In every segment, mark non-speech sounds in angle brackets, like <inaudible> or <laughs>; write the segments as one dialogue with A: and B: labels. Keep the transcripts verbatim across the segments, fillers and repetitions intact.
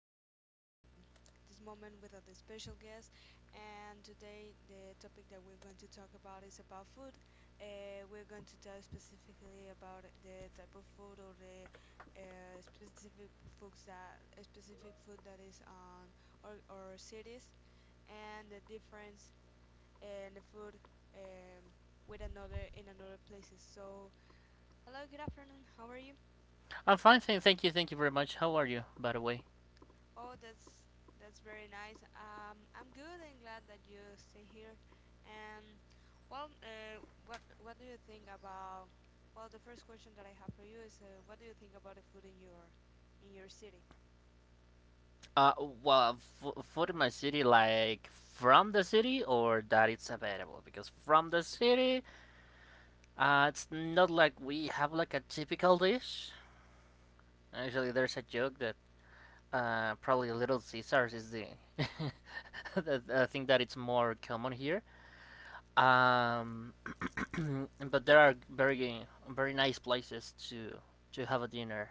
A: I'm with um this moment with a special guest, and today the topic that we're going to talk about is about food. Uh, we're going to talk specifically about the type of food or the uh, specific foods that a specific food that is on our, our cities and the difference in the food um, with another in another places. So, hello, good afternoon. How are you?
B: I'm fine, thank, you, thank you very much. How are you, by the way?
A: Oh, that's that's very nice. Um, I'm good and glad that you stay here. And well, uh, what what do you think about? Well, the first question that I have for you is, uh, what do you think about the food in your in your city?
B: Uh, well, for my city, like from the city, or that it's available? Because from the city, uh, it's not like we have like a typical dish. Actually, there's a joke that uh, probably Little Caesars is the, <laughs> the, the thing that it's more common here. Um, <clears throat> but there are very very nice places to to have a dinner,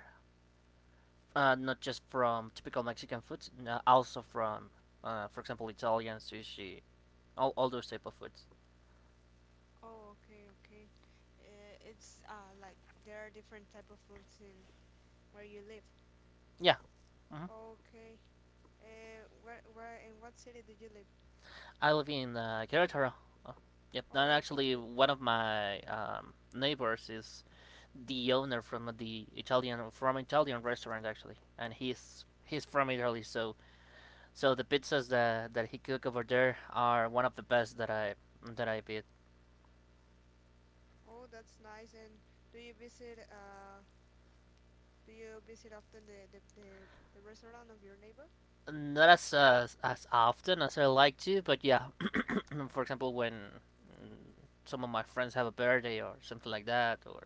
B: uh, not just from typical Mexican foods, no, also from, uh, for example, Italian, sushi, all, all those type of foods.
A: Oh, okay, okay. Uh, it's uh like there are different type of foods in where you live.
B: Yeah. Hmm.
A: Okay. Uh, where where in what city did you live?
B: I live in uh, Querétaro. Oh, yep, and
A: Oh, that's
B: actually
A: good.
B: one of my um, neighbors is the owner from the Italian from Italian restaurant actually, and he's he's from Italy, so so the pizzas that that he cook over there are one of the best that I that I've eat.
A: Oh, that's nice. And do you visit uh? Do you visit often the the, the, the restaurant of your neighbor?
B: Not as uh, as often as I like to, but yeah. Mm, for example, when mm, some of my friends have a birthday or something like that, or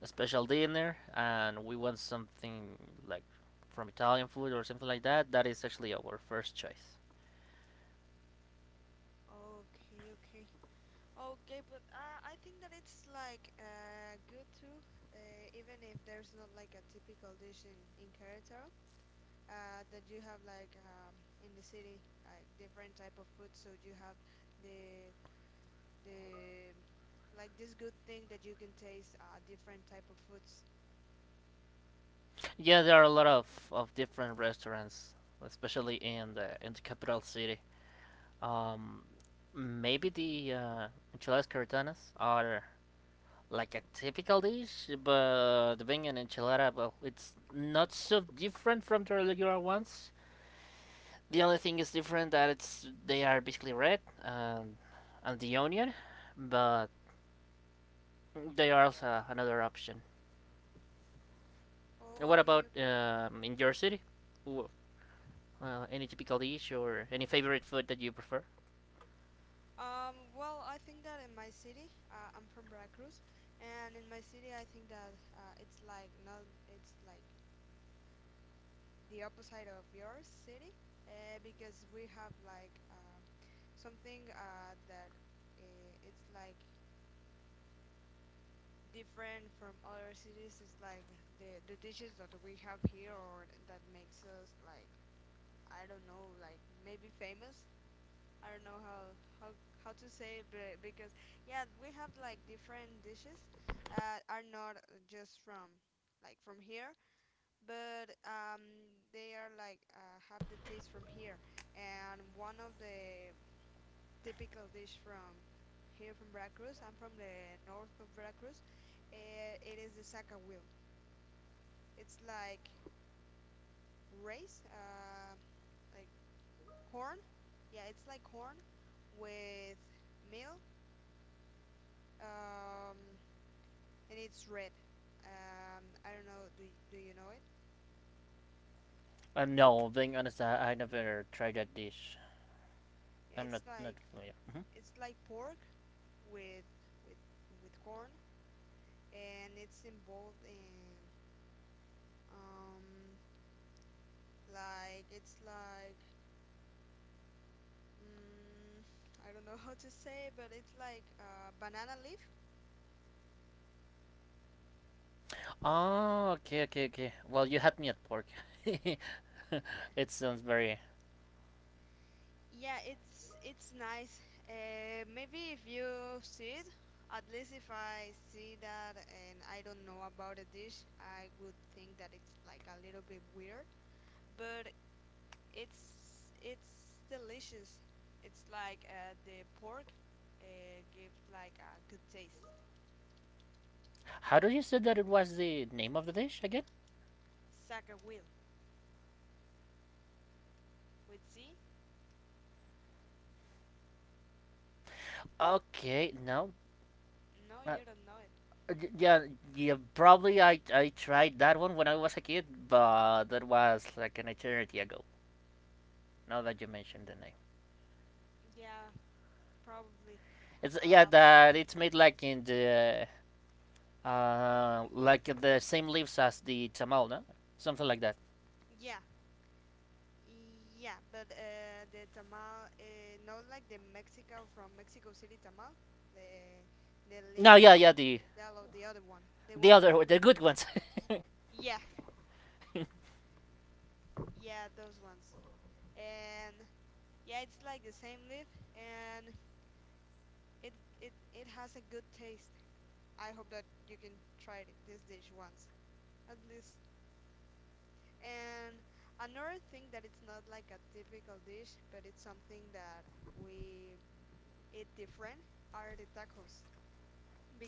B: a special dinner, and we want something like from Italian food or something like that, that is actually our first choice.
A: Okay, okay. Okay, but uh, I think that it's like uh, good too, uh, even if there's not like a typical dish in, in Querétaro, uh, that you have like um, in the city, like different type of food, so you have the the like this good thing that you can taste uh, different type of foods.
B: Yeah, there are a lot of, of different restaurants, especially in the in the capital city. Um, Maybe the uh, enchiladas caritanas are like a typical dish, but the being an enchilada, well, it's not so different from the regular ones. The only thing is different that it's they are basically red and, and the onion, but they are also another option. And
A: Oh,
B: what
A: okay,
B: about
A: okay.
B: um, in your city? Wh- Uh, any typical dish or any favorite food that you prefer?
A: Um, well, I think that in my city, uh, I'm from Veracruz, and in my city, I think that uh, it's like not, it's like the opposite of your city, uh, because we have like uh, something uh, that uh, it's like different from other cities. It's like the the dishes that we have here, or that makes us like I don't know, like maybe famous. I don't know how how how to say it, but because yeah, we have like different dishes uh, are not just from like from here, but um, they are like uh, have the taste from here. And one of the typical dish from here from Veracruz, I'm from the north of Veracruz. Uh, it is the saca wheel. It's like rice, uh, like corn. Yeah, it's like corn with meal. Um, and it's red. Um, I don't know. Do y- do you know it?
B: Uh, no, being honest, I, I never tried that dish.
A: Yeah,
B: I'm not
A: it's
B: not
A: like
B: familiar. Mhm.
A: it's like pork with with with corn, and it's involved in um like it's like mm, I don't know <laughs> how to say, it, but it's like uh, banana leaf.
B: Oh, okay, okay, okay. Well, you had me at pork.
A: Yeah,
B: <laughs> It sounds very.
A: yeah. It's it's nice. Uh, maybe if you see it, at least if I see that and I don't know about a dish, I would think that it's like a little bit weird. But it's it's delicious. It's like uh, the pork uh, gives like a good taste.
B: How did you say that it was the name of the dish again?
A: Saga will with Z?
B: Okay, no,
A: No,
B: uh,
A: you don't know it.
B: yeah, yeah, probably I, I tried that one when I was a kid, but that was like an eternity ago. Now that you mentioned the name,
A: Yeah, probably.
B: it's yeah
A: Um,
B: that it's made like in the uh like the same leaves as the tamal, no, something like that.
A: yeah, yeah, but uh, the tamal, uh, not like the Mexico from Mexico City tamal, the the leaf
B: No,
A: that
B: yeah,
A: is
B: yeah, the
A: yellow, the other one, the
B: the
A: one that is
B: other the
A: green.
B: good ones.
A: Yeah, yeah, those ones. And yeah, it's like the same leaf, and It it it has a good taste. I hope that you can try it- this dish once at least. And another thing that it's not like a typical dish, but it's something that we eat different are the tacos.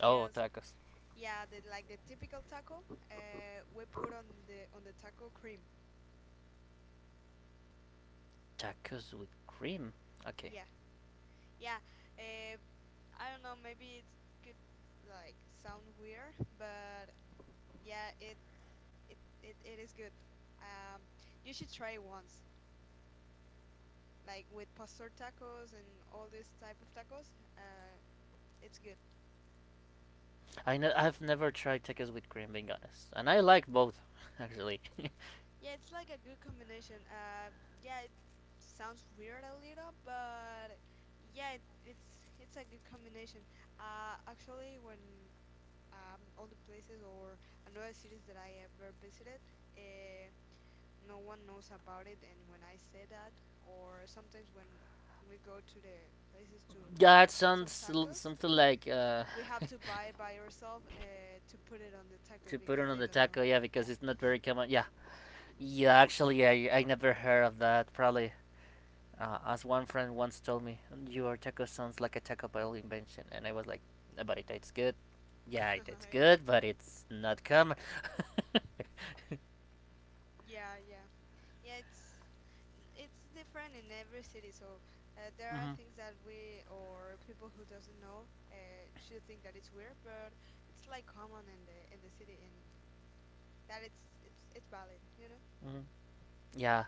B: <laughs> Oh, tacos,
A: yeah, the like the typical taco, uh, we put on the on the taco cream.
B: tacos with cream. Okay,
A: Yeah, yeah. Uh, I don't know. Maybe it could like sound weird, but yeah, it it, it, it is good. Um, you should try it once, like with pastor tacos and all this type of tacos. Uh, it's good.
B: I know I've never tried tacos with cream, being honest, and I like both actually. <laughs>
A: Yeah, it's like a good combination. Uh, yeah, it sounds weird a little, but yeah, it, it's it's a good combination. Uh, actually, when um, all the places or another cities that I ever visited, uh, no one knows about it, and when I say that, or sometimes when we go to the places to
B: Yeah, it
A: buy some
B: sounds
A: tacos,
B: something like uh
A: we have to buy by ourselves uh, to put it on the
B: to
A: tacos
B: put
A: because
B: it on
A: they
B: the
A: don't know.
B: taco, yeah,
A: Yeah,
B: because it's not very common. Yeah, yeah. Actually, I I never heard of that. Probably, uh, as one friend once told me, your taco sounds like a Taco Bell invention, and I was like, "Uh, but it tastes good. Yeah,
A: <laughs>
B: it tastes
A: yeah,
B: good, but it's not common." <laughs>
A: yeah, yeah, yeah, it's it's different in every city, so uh, there are
B: Hmm.
A: things that we, or people who doesn't know, uh, should think that it's weird, but it's like common in the in the city, and that it's it's it's valid you know
B: Hmm. Yeah.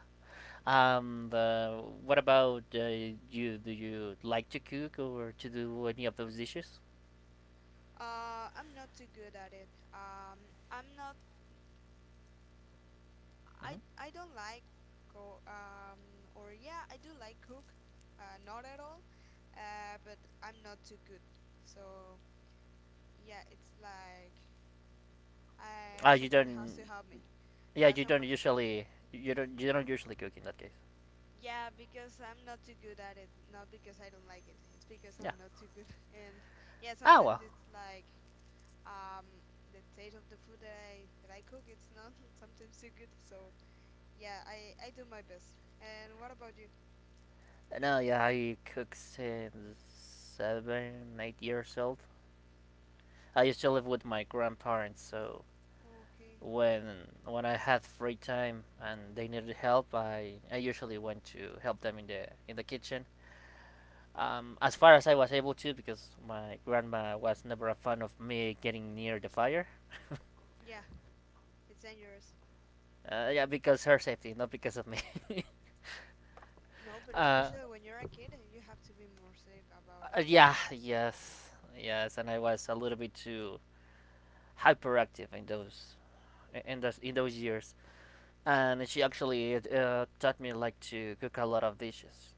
B: Um. Uh, what about uh, You? Do you like to cook or to do any of those dishes?
A: Uh, I'm not too good at it. Um, I'm not. I
B: Hmm.
A: I don't like go. Um, or yeah, I do like cook. Uh, not at all. Uh, but I'm not too good. So yeah, it's like I
B: Ah, you
A: someone <laughs>
B: don't.
A: has to help me.
B: Yeah,
A: Yeah,
B: you don't
A: someone.
B: usually. You don't. You don't usually cook in that case.
A: Yeah, because I'm not too good at it. Not because I don't like it. It's because
B: Yeah.
A: I'm not too good. <laughs> And yeah,
B: Ah
A: sometimes
B: well.
A: it's like um the taste of the food that I that I cook. It's not <laughs> sometimes too good. So. Yeah, I I do my best. And what about you?
B: No, yeah, I cook since seven, eight years old. I used to live with my grandparents, so
A: Okay.
B: when when I had free time and they needed help, I, I usually went to help them in the in the kitchen. Um, as far as I was able to, because my grandma was never a fan of me getting near the fire.
A: Yeah, it's dangerous.
B: Uh, yeah, because her safety, not because of me. <laughs>
A: No, but
B: Uh,
A: especially when you're a kid, you have to be more safe about
B: uh,
A: it.
B: yeah,
A: All.
B: yes, yes, and I was a little bit too hyperactive in those in those in those years. And she actually uh, taught me like to cook a lot of dishes.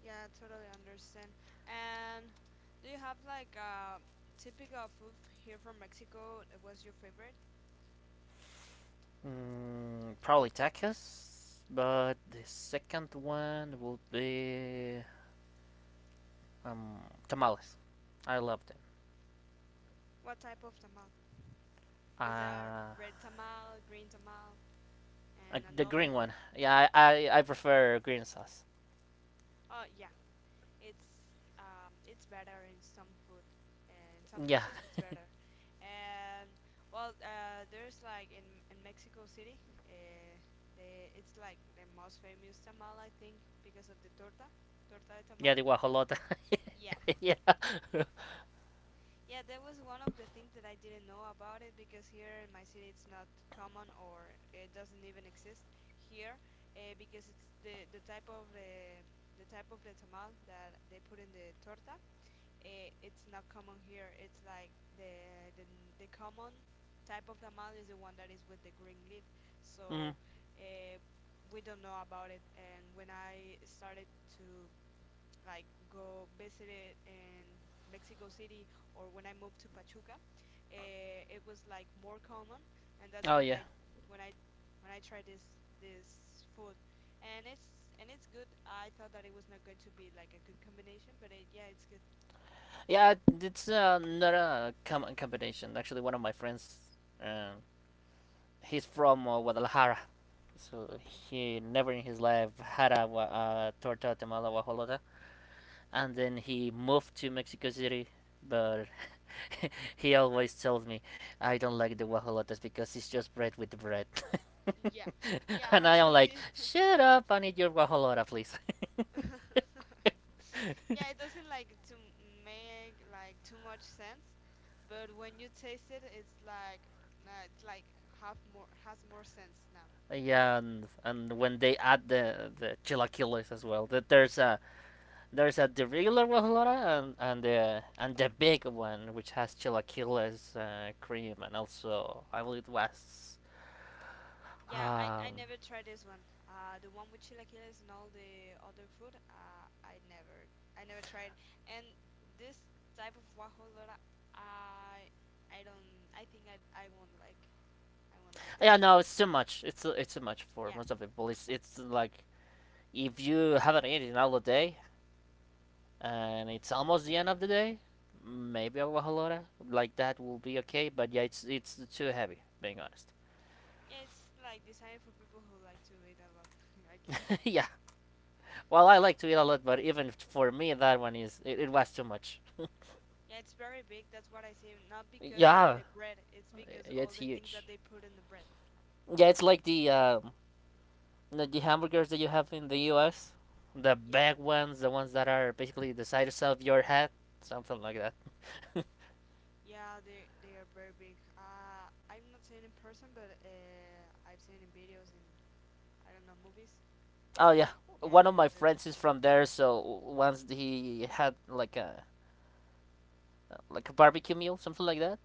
A: Yeah, I totally understand. And do you have like a typical food here from Mexico that was your favorite?
B: Mm, probably tacos, but the second one will be um, tamales. I love them.
A: What type of tamal? Because there are
B: Uh,
A: red tamal, green tamal,
B: uh,
A: and
B: the
A: another
B: green one.
A: ones.
B: Yeah, I, I, I prefer green sauce.
A: Oh, yeah. It's um, it's better in some food and some
B: Yeah,
A: dishes. It's better, and well, uh, there's like in in Mexico City, uh, the it's like the most famous tamal, I think, because of the torta, torta de
B: yeah,
A: tamal.
B: the guajolota.
A: Yeah,
B: <laughs> Yeah.
A: yeah, that was one of the things that I didn't know about, it because here in my city it's not common, or it doesn't even exist here, uh, because it's the the type of the the type of the tamal that they put in the torta, eh, it's not common here. It's like the the n- the common type of tamal is the one that is with the green leaf.
B: Mm.
A: So uh, we don't know about it. And when I started to like go visit it in Mexico City, or when I moved to Pachuca, uh, it was like more common, and that's
B: Oh
A: when
B: yeah.
A: I when I when I tried this this food, and it's and it's good. I thought that it was not going to be like a good combination, but it, yeah, it's good.
B: Yeah, it's uh, not a com- combination. Actually, one of my friends, um, he's from uh, Guadalajara, so
A: Okay.
B: he never in his life had a wa- uh, torta tamala guajolota, and then he moved to Mexico City. But <laughs> he always tells me I don't like the guajolotas because it's just bread with bread,
A: Yeah,
B: <laughs>
A: yeah,
B: and I am like,
A: actually, it,
B: shut up! I need your guajolota, please.
A: <laughs> yeah, it doesn't like to make like too much sense, but when you taste it, it's like nah, it's like have more has more sense now,
B: <laughs>
A: you know?
B: Yeah, and, and when they add the the chilaquiles as well, that there's a there's a the regular guajolota and and the and the big one which has chilaquiles, uh, cream, and also I believe it was
A: Yeah, I
B: Um,
A: I never tried this one. Uh, the one with chilaquiles and all the other food, uh, I never I never tried. And this type of guajolota, I I don't, I think I I won't like I won't like
B: yeah,
A: this one.
B: no, it's too much. It's it's too much for
A: Yeah.
B: most of the people. It's it's like if you haven't eaten all the day and it's almost the end of the day, maybe a wahalora like that will be okay. But yeah, it's it's too heavy. Being honest.
A: Yeah, it's like designed for people who like to eat a lot, <laughs> I guess.
B: <laughs> Yeah. Well, I like to eat a lot, but even for me, that one is it, it was too much.
A: Yeah, it's very big. That's what I say. Not because of
B: Yeah,
A: the bread. It's because
B: yeah,
A: all
B: it's
A: the things that
B: huge.
A: they put in the bread.
B: Yeah, it's like the um, the the hamburgers that you have in the U S. The
A: Yeah.
B: big ones, the ones that are basically the size of your head, something like that. <laughs>
A: Yeah, they they are very big. Uh, I've not seen in person, but uh, I've seen in videos and I don't know movies.
B: Oh yeah,
A: And yeah,
B: one of my
A: they're very big.
B: friends is from there, so once he had like a like a barbecue meal, something like that,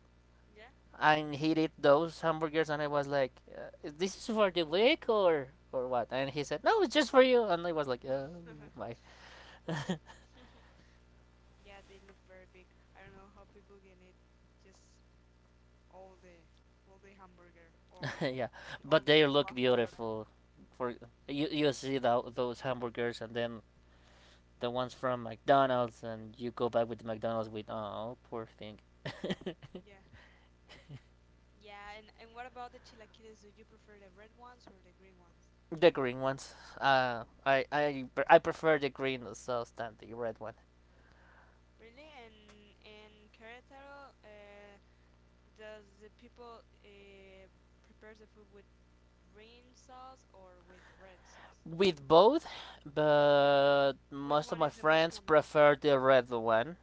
A: Yeah.
B: and he did those hamburgers, and I was like, uh, "This is for the week or or what?" And he said, "No, it's just for you," and I was like, "Oh my,
A: <laughs> Yeah, they look very big. I don't know how people can eat just all the all the hamburger
B: <laughs>
A: or
B: yeah,"
A: <laughs> all
B: but they
A: the
B: look
A: guajolota.
B: beautiful. For you, you see the, those hamburgers, and then the ones from McDonald's, and you go back with the McDonald's with oh poor thing.
A: Yeah. Yeah, and, and what about the chilaquiles? Do you prefer the red ones or the green ones?
B: The green ones. Uh, I I I prefer the green sauce than the red one.
A: Really? And in Querétaro, uh, does the people uh, prepare the food with green sauce or with red sauce?
B: With both, but
A: Which
B: most of
A: one
B: my
A: is the most
B: friends
A: common?
B: prefer the red one.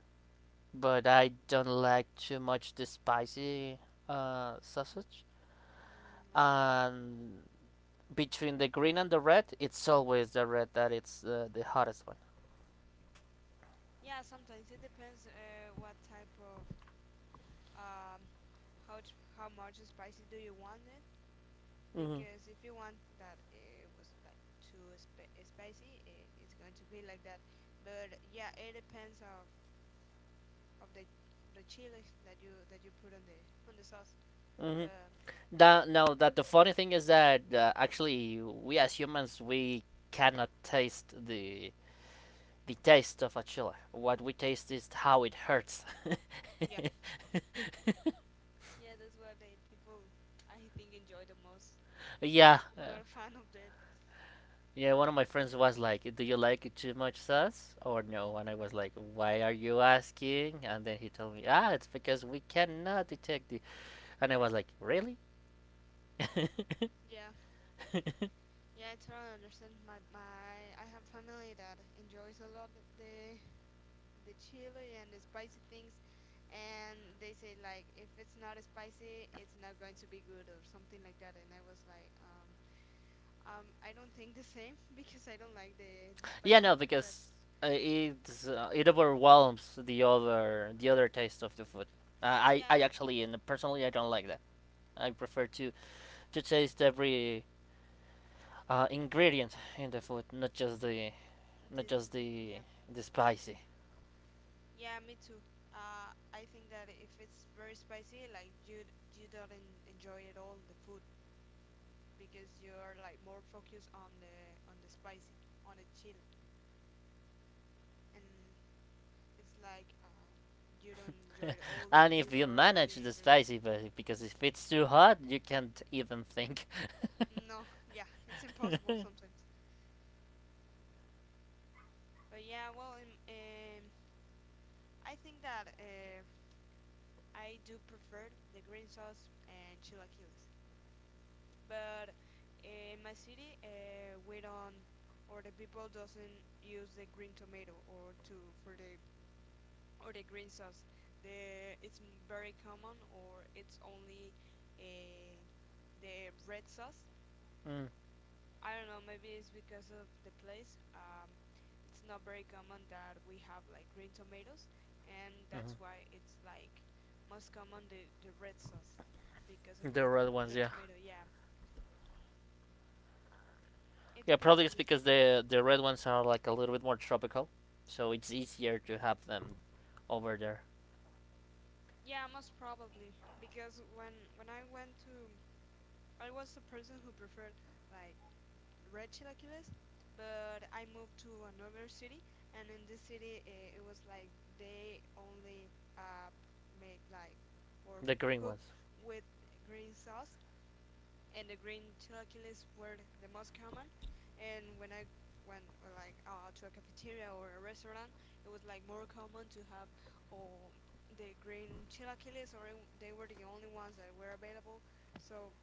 B: But I don't like too much the spicy uh, sausage.
A: Mm, okay.
B: And between the green and the red, it's always the red that it's uh, the hottest one.
A: Yeah, sometimes it depends, uh, what type of um, how t- how much spicy do you want it?
B: Mm-hmm.
A: Because if you want that it was like too sp eh, spicy, it, it's going to be like that. But yeah, it depends of of the of the chili that you that you put on the on the sauce.
B: Mm-hmm.
A: But
B: Now, now that the funny thing is that uh, actually we as humans we cannot taste the the taste of a chili. What we taste is how it hurts.
A: yeah,
B: <laughs>
A: yeah, that's what the people, I think, enjoy the most. But
B: Yeah,
A: I'm
B: uh,
A: not a fan of that.
B: yeah. One of my friends was like, "Do you like too much sauce or no?" And I was like, "Why are you asking?" And then he told me, "Ah, it's because we cannot detect the." And I was like, "Really?" <laughs>
A: Yeah, yeah, I totally understand. My my I have family that enjoys a lot the the chili and the spicy things, and they say like if it's not spicy it's not going to be good or something like that, and I was like, um um I don't think the same, <laughs> because I don't like the the
B: Yeah,
A: spicy
B: no,
A: things, but
B: because uh, it's uh, it overwhelms the other the other taste of the food. Uh, I I
A: yeah,
B: actually and personally I don't like that. I prefer to to taste every uh, ingredient in the food, not just the not
A: this
B: just the
A: yeah,
B: the spicy.
A: yeah, me too. uh I think that if it's very spicy, like, you you don't en- enjoy at all the food, because you're like more focused on the on the spicy, on the chili, and it's like uh, you don't enjoy all the
B: And if
A: food
B: you
A: or all
B: manage
A: the
B: the
A: ingredients.
B: spicy, but because if it's too hot, you can't even think. <laughs>
A: No, <laughs> yeah, it's impossible sometimes. But yeah, well, um, um, I think that uh, I do prefer the green sauce and chilaquiles. But in my city, uh, we don't, or the people doesn't use the green tomato or to for the or the green sauce. The it's m- very common, or it's only uh, the red sauce.
B: Mm,
A: I don't know, maybe it's because of the place. Um, it's not very common that we have like green tomatoes, and
B: mhm.
A: that's why it's like most common the, the red sauce because of
B: The
A: the
B: red
A: of
B: ones,
A: the
B: yeah,
A: tomato. Yeah, it
B: yeah.
A: depends
B: Probably
A: on
B: it's
A: the
B: because
A: city.
B: the the red ones are like a little bit more tropical, so it's easier to have them over there.
A: Yeah, most probably because when when I went to, I was a person who preferred like Red Chilaquiles, but I moved to another city, and in this city it, it was like they only uh, make like or
B: The
A: f-
B: green
A: cooked
B: ones.
A: with green sauce, and the green chilaquiles were the most common. And when I went uh, like uh, to a cafeteria or a restaurant, it was like more common to have oh, the green chilaquiles, or it- they were the only ones that were available. So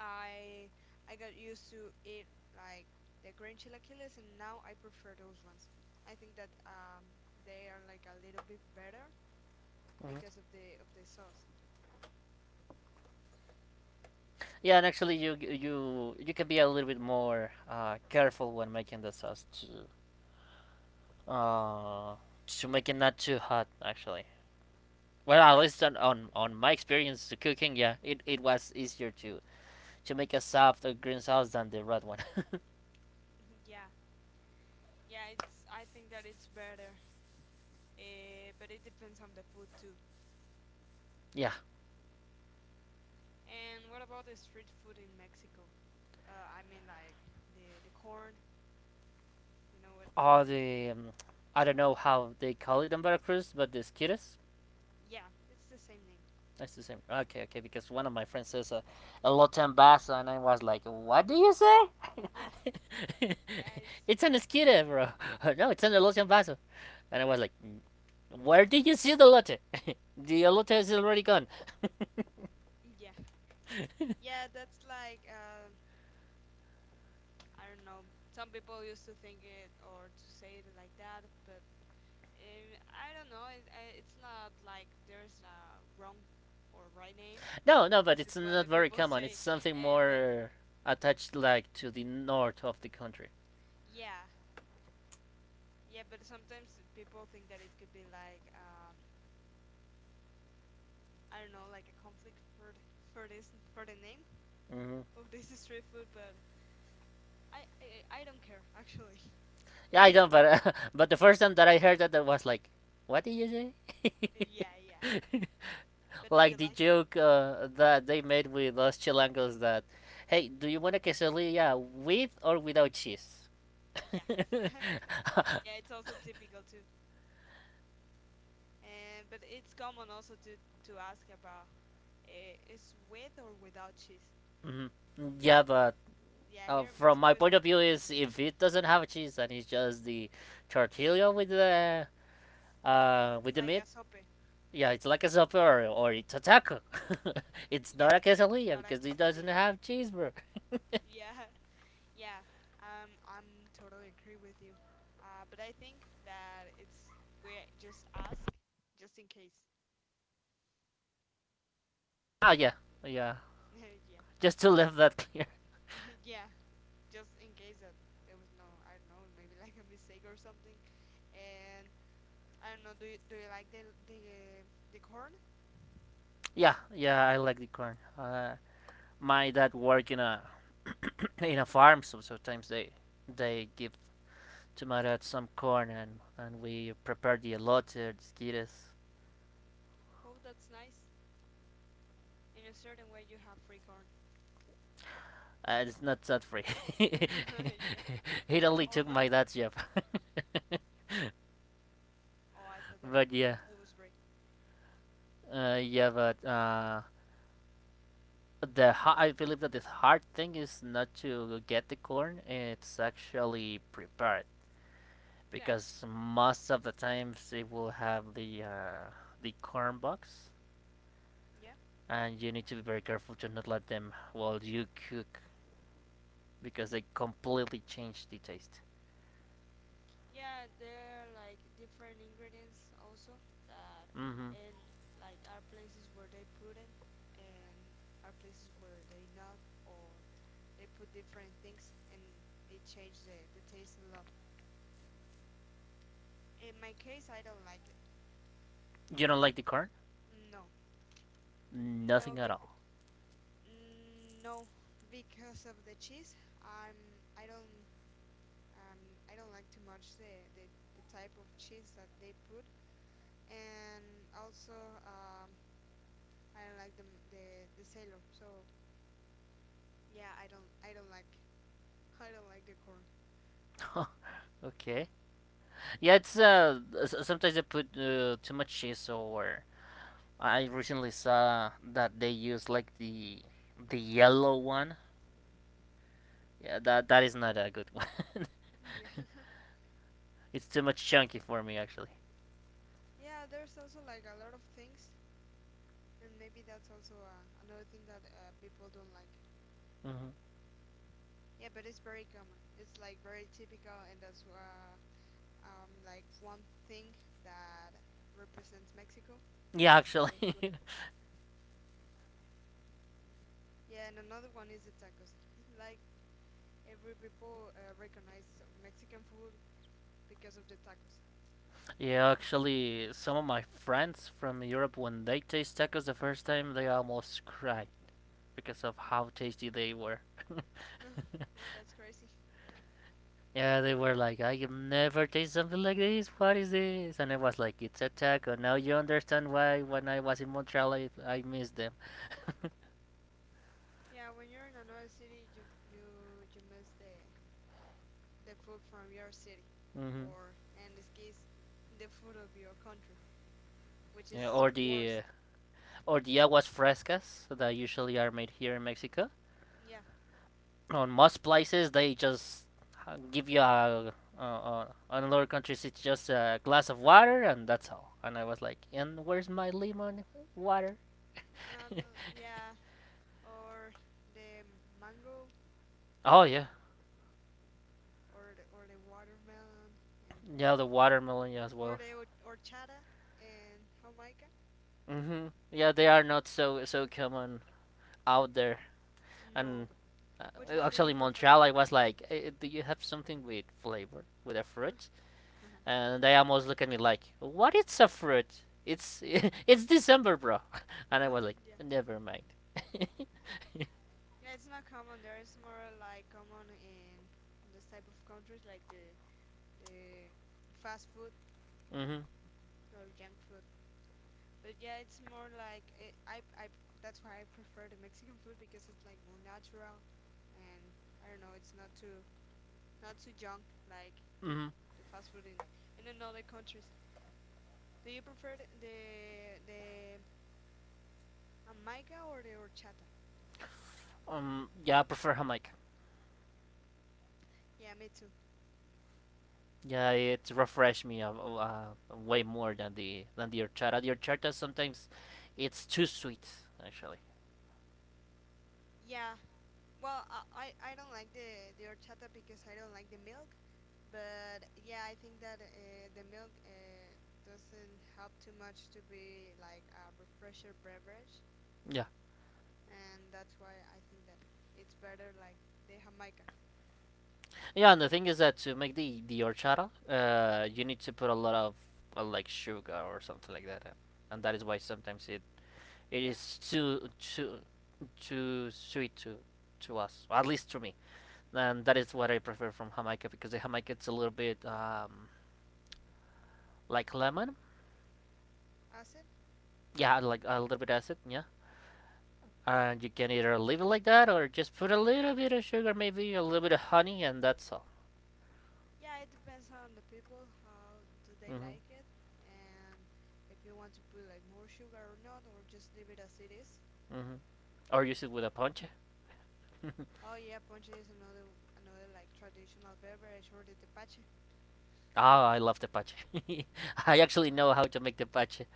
A: I I got used to eat like the green chilaquiles, and now I prefer those ones. I think that um, they are like a little bit better
B: Mm-hmm.
A: because of the of the sauce.
B: Yeah, and actually, you you you can be a little bit more uh, careful when making the sauce to uh, to make it not too hot. Actually, well, at least on, on, on my experience to cooking, yeah, it, it was easier to, to make a soft uh, green sauce than the red one.
A: <laughs> Yeah, yeah, it's I think that it's better, uh, but it depends on the food too.
B: <laughs> Yeah,
A: And what about the street food in Mexico? Uh, I mean like the the corn, you know, when when
B: all
A: the
B: the um, I don't know how they call it in Veracruz, but the skitters.
A: yeah, it's the same name.
B: That's the same. Okay, okay, because one of my friends says uh, a lotan basa, and I was like, "What do you say?
A: Yeah, yeah, it's
B: <laughs> It's an
A: like
B: esquite, bro. <laughs> No, it's an lotan basa." And I was like, "Where did you see the lotte? <laughs> The lotte is already gone."
A: yeah, yeah, that's like um I don't know. Some people used to think it or to say it like that, but eh, I don't know. It, I- it's not like there's a wrong or right name.
B: No, no, but
A: It's
B: it's
A: just what
B: not
A: the
B: very
A: people <laughs>
B: common. It's
A: say.
B: something
A: Uh, but
B: more attached, like to the north of the country.
A: Yeah, yeah. But sometimes people think that it could be like um, I don't know, like a conflict for th- for this for the name
B: Hmm.
A: of this <laughs> street food. But I I, I don't care actually.
B: Yeah, I don't. But uh, <laughs> but the first time that I heard that, I was like, "What did you say?"
A: <laughs> Yeah, yeah.
B: <laughs>
A: But do you
B: Like the
A: like it?
B: joke uh, that they made with us Chilangos that, "Hey, do you want a quesadilla with or without cheese?"
A: Yeah.
B: <laughs>
A: <laughs> Yeah, it's also typical too. And but it's common also to to ask about uh, is with or without cheese.
B: Mhm. Yeah, but
A: Yeah,
B: uh,
A: here in
B: from
A: Mexico
B: my
A: it's
B: point of
A: like a
B: view,
A: common,
B: is if it doesn't have cheese and it's just the tortilla with the uh with the
A: like
B: meat.
A: a sope.
B: Yeah, it's like a supper or it's a taco. It's
A: Yeah,
B: not a
A: but it's
B: quesadilla
A: not a
B: because it doesn't
A: quesadilla.
B: have cheese.
A: Yeah, <laughs> yeah. Um, I'm totally agree with you. Uh, but I think that it's we just ask, just in case.
B: Oh yeah, yeah.
A: <laughs> Yeah,
B: Just to leave that <laughs> clear.
A: <laughs> yeah. Just in case that there was no, I don't know, maybe like a mistake or something. And I don't know. Do you do you like the the uh, the corn?
B: Yeah, yeah. I like the corn. Uh, my dad worked in a <clears throat> in a farm, so sometimes they they give to my dad some corn and and we prepare the elote or the skittles.
A: Oh, that's nice. In a certain way, you have free corn.
B: Uh, it's not that free. <laughs>
A: <laughs> yeah.
B: It only
A: Oh
B: took
A: no?
B: my dad's job.
A: Oh, I thought
B: <laughs>
A: that is
B: But
A: good.
B: yeah,
A: It was free.
B: uh, yeah, but uh, the I believe that the hard thing is not to get the corn; it's actually prepared
A: Yeah.
B: because most of the times they will have the uh, the corn box,
A: Yeah.
B: and you need to be very careful to not let them while you cook because they completely change the taste.
A: Yeah. There are like different ingredients also that
B: hmm
A: and like are places where they put in and are places where they not or they put different things and it changed the, the taste a lot. In my case, I don't like it.
B: You don't like the corn?
A: No.
B: Nothing
A: No.
B: at
A: Big.
B: all.
A: No. Because of the cheese, I'm. I don't Um, I don't like too much the, the, the type of cheese that they put, and also um, I don't like the, the the sailor. So yeah, I don't I don't like <laughs> I don't like the corn.
B: <laughs> Okay. Yeah, it's uh sometimes they put uh, too much cheese or I recently saw that they use like the the yellow one. Yeah, that that is not a good one. <laughs>
A: Yeah, <laughs>
B: It's too much chunky for me actually.
A: yeah. There's also like a lot of things, and maybe that's also uh, another thing that uh, people don't like.
B: hmm
A: Yeah, but it's very common. It's like very typical, and that's uh, um, like one thing that represents Mexico
B: Yeah,
A: in
B: actually,
A: food.
B: <laughs>
A: Yeah, and another one is the tacos. <laughs> like Every people uh, recognize Mexican food because of the tacos.
B: yeah, actually, some of my friends from Europe when they taste tacos the first time, they almost cried because of how tasty they were.
A: <laughs> Oh, that's crazy.
B: Yeah, they were like, I have never tasted something like this. What is this? And I was like, it's a taco. Now you understand why when I was in Montreal, I, I missed them.
A: Yeah, when you're in another city, you you you miss the the food from your city,
B: hmm
A: or in this case, the food of your country, which
B: Yeah,
A: is
B: or the uh,
A: worst.
B: or the aguas frescas that usually are made here in Mexico.
A: Yeah,
B: On most places, they just uh, give you a. Uh, uh, on other countries, it's just a glass of water and that's all. And I was like, and where's my lemon water?
A: and
B: <laughs>
A: yeah, or the mango,
B: Oh yeah,
A: or the, or the watermelon, and
B: yeah, the watermelon yeah, as
A: or
B: well.
A: the or- horchata and Jamaica.
B: hmm Yeah, they are not so so common out there. And
A: No,
B: uh,
A: which one do you
B: actually,
A: prefer?
B: Montreal, I was like, eh, eh, do you have something with flavor, with a fruit?
A: <laughs>
B: And they almost look at me like, "What? It's a fruit. It's <laughs> it's December, bro." <laughs> And I was like,
A: <laughs> yeah.
B: "Never mind." <laughs>
A: Yeah, it's not common there. It's more like common in, in this type of countries, like the the fast food
B: Mm-hmm.
A: or junk food. But yeah, it's more like it, I I that's why I prefer the Mexican food because it's like more natural, and I don't know, it's not too not too junk like the
B: Mm-hmm.
A: the fast food in and in other countries. Do you prefer the the the Jamaica or the horchata?
B: Um. Yeah, I prefer Jamaica.
A: Yeah, me too.
B: Yeah, it refreshed me uh, uh, uh, way more than the than the horchata. The horchata sometimes it's too sweet, actually.
A: Yeah, well, I, I I don't like the the horchata because I don't like the milk, but yeah, I think that uh, the milk uh, doesn't help too much to be like a refresher beverage,
B: Yeah,
A: and that's why I think that it's better like the Jamaica.
B: yeah. And the thing is that to make the the horchata, uh, you need to put a lot of uh, like sugar or something like that, uh, and that is why sometimes it It
A: Yeah,
B: is too too too sweet to to us, at least to me. And that is what I prefer from Jamaica because the Jamaica it's a little bit um, like lemon.
A: acid.
B: Yeah, like a little bit acid. Yeah, and you can either leave it like that or just put a little bit of sugar, maybe a little bit of honey, and that's all.
A: Yeah, it depends on the people how do they
B: Mm-hmm.
A: like it, and if you want to put like more sugar or not, or just leave it as it is.
B: Mm-hmm. Or use it with a ponche.
A: Oh yeah, ponche is another another like traditional beverage or the tepache.
B: Ah, oh, I love the pache. <laughs> I actually know how to make the pache.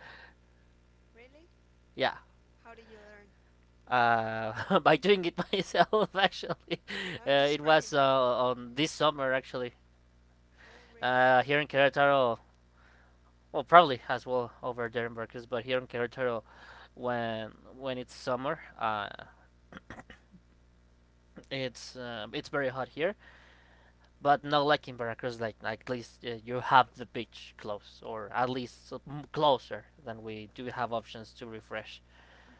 A: Really?
B: Yeah,
A: How did you learn?
B: uh, <laughs> by doing it myself. <laughs> Actually,
A: I
B: uh, it
A: just
B: was
A: tried.
B: uh, on this summer actually
A: Oh, really?
B: uh, here in Querétaro. Well, probably as well over there in Veracruz, but here in Querétaro, when when it's summer, uh, it's uh, it's very hot here. But not like in Veracruz, like like at least uh, you have the beach close, or at least closer than we do have options to refresh.
A: Mm.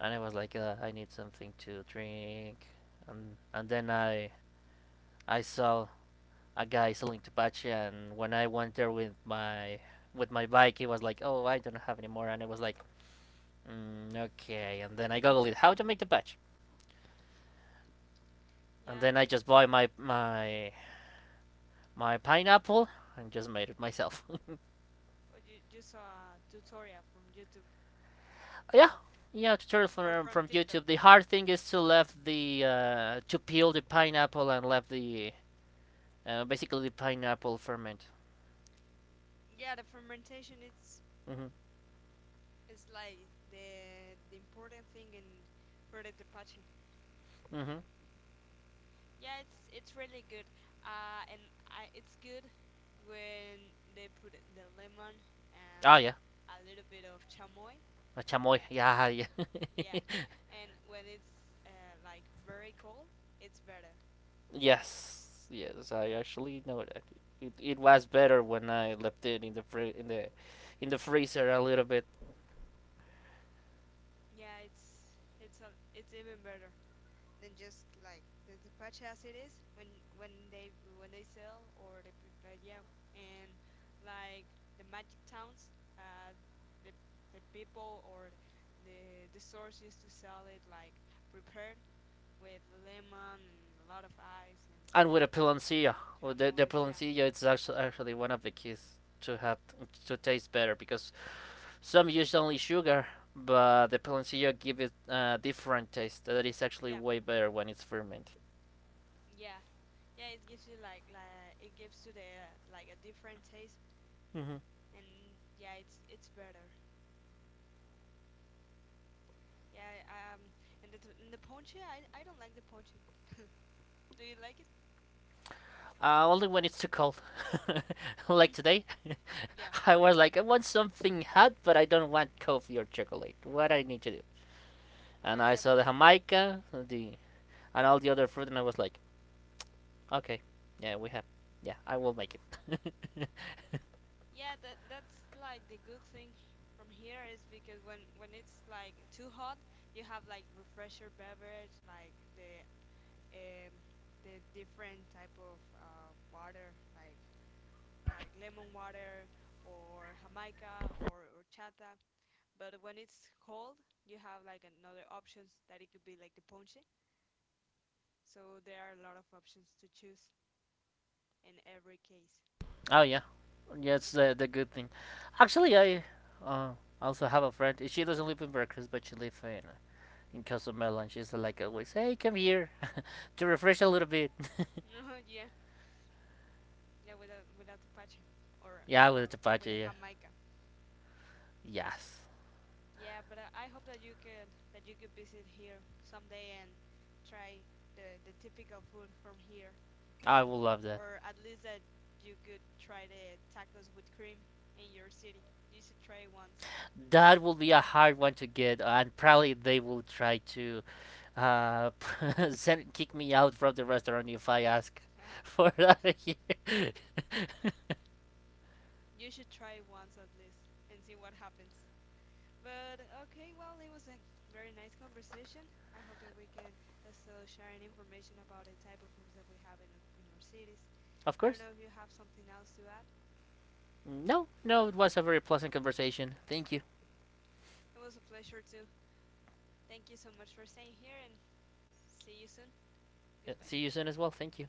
B: And I was like, uh, I need something to drink, and and then I I saw a guy selling tepache, and when I went there with my with my bike, he was like, "Oh, I don't have any more," and I was like, mm, "Okay." And then I googled it, how to make tepache, and
A: Yeah,
B: then I
A: you,
B: just bought my my my pineapple and just made it myself.
A: or you, you saw a tutorial from YouTube
B: <laughs> Yeah, yeah, tutorial
A: or
B: from
A: from
B: from
A: TikTok.
B: YouTube. The hard thing is to left the uh, to peel the pineapple and left the uh, basically the pineapple ferment.
A: Yeah, the fermentation it's
B: Mhm.
A: it's like the the important thing in for the tepache.
B: Mhm.
A: Yeah, it's it's really good. Uh, and I, it's good when they put the lemon and
B: Oh yeah.
A: a little bit of chamoy.
B: A chamoy. Yeah, yeah.
A: Yeah, and when it's uh, like very cold, it's better.
B: Yes, yes, I actually know that. It, it was better when I left it in the fri- in the in the freezer a little bit,
A: Yeah, it's it's a, it's even better than just like the the patch as it is when when they when they sell or the put- like yeah and like the magic towns uh the the people or the the source used to sell it like prepared with lemon and a lot of ice and
B: and with a piloncillo. Well, the the
A: chamois yeah
B: piloncillo it's actually actually one of the keys to have to taste better because some use only sugar, but the piloncillo give it a different taste that is actually
A: yeah
B: way better when it's fermented.
A: yeah yeah it gives you like like it gives you the uh, like a different taste
B: hmm
A: and yeah it's it's better yeah um and the t- and the ponche I I don't like the ponche <laughs> Do you like it?
B: Uh, only when it's too cold, <laughs> like today. <laughs>
A: <laughs> Yeah.
B: I was like, I want something hot, but I don't want coffee or chocolate. What I need to do?
A: Ah,
B: And I
A: yeah.
B: saw the Jamaica, the and all the other fruit, and I was like, okay, yeah, we have, yeah, I will make it. <laughs>
A: Yeah, that that's like the good thing from here is because when when it's like too hot, you have like refresher beverage, like the um the different type of uh water, like like lemon water or Jamaica or horchata. But when it's cold, you have like another options that it could be like the ponche. So there are a lot of options to choose in every case.
B: Oh yeah, yeah, it's the the good thing. Actually, I uh, also have a friend. She doesn't live in Veracruz, but she lives in in Cozumel, and she's like always, hey, come here to refresh a little bit.
A: <laughs> yeah. Yeah, with a with a Tepache or
B: Yeah, with
A: uh,
B: the
A: with a
B: tapache, yeah,
A: Jamaica.
B: yes.
A: Yeah, but I, I hope that you could that you could visit here someday and try the the typical food from here,
B: I
A: and
B: will love that.
A: or at least that you could try the tacos with cream in your city. You should try it once.
B: That will be a hard one to get, and probably they will try to Uh, <laughs> send kick me out from the restaurant if I ask <laughs>
A: <laughs>
B: for that here.
A: you should try it once at least and see what happens. But okay, well, it was a very nice conversation. I hope that we can uh, still share information about the type of foods that we have in, in our cities.
B: Of
A: I don't
B: course.
A: know if you have something else to add.
B: No, no, it was a very pleasant conversation. Thank you.
A: It was a pleasure too. Thank you so much for staying here and see you soon.
B: Uh,
A: Goodbye.
B: See you soon as well. Thank you.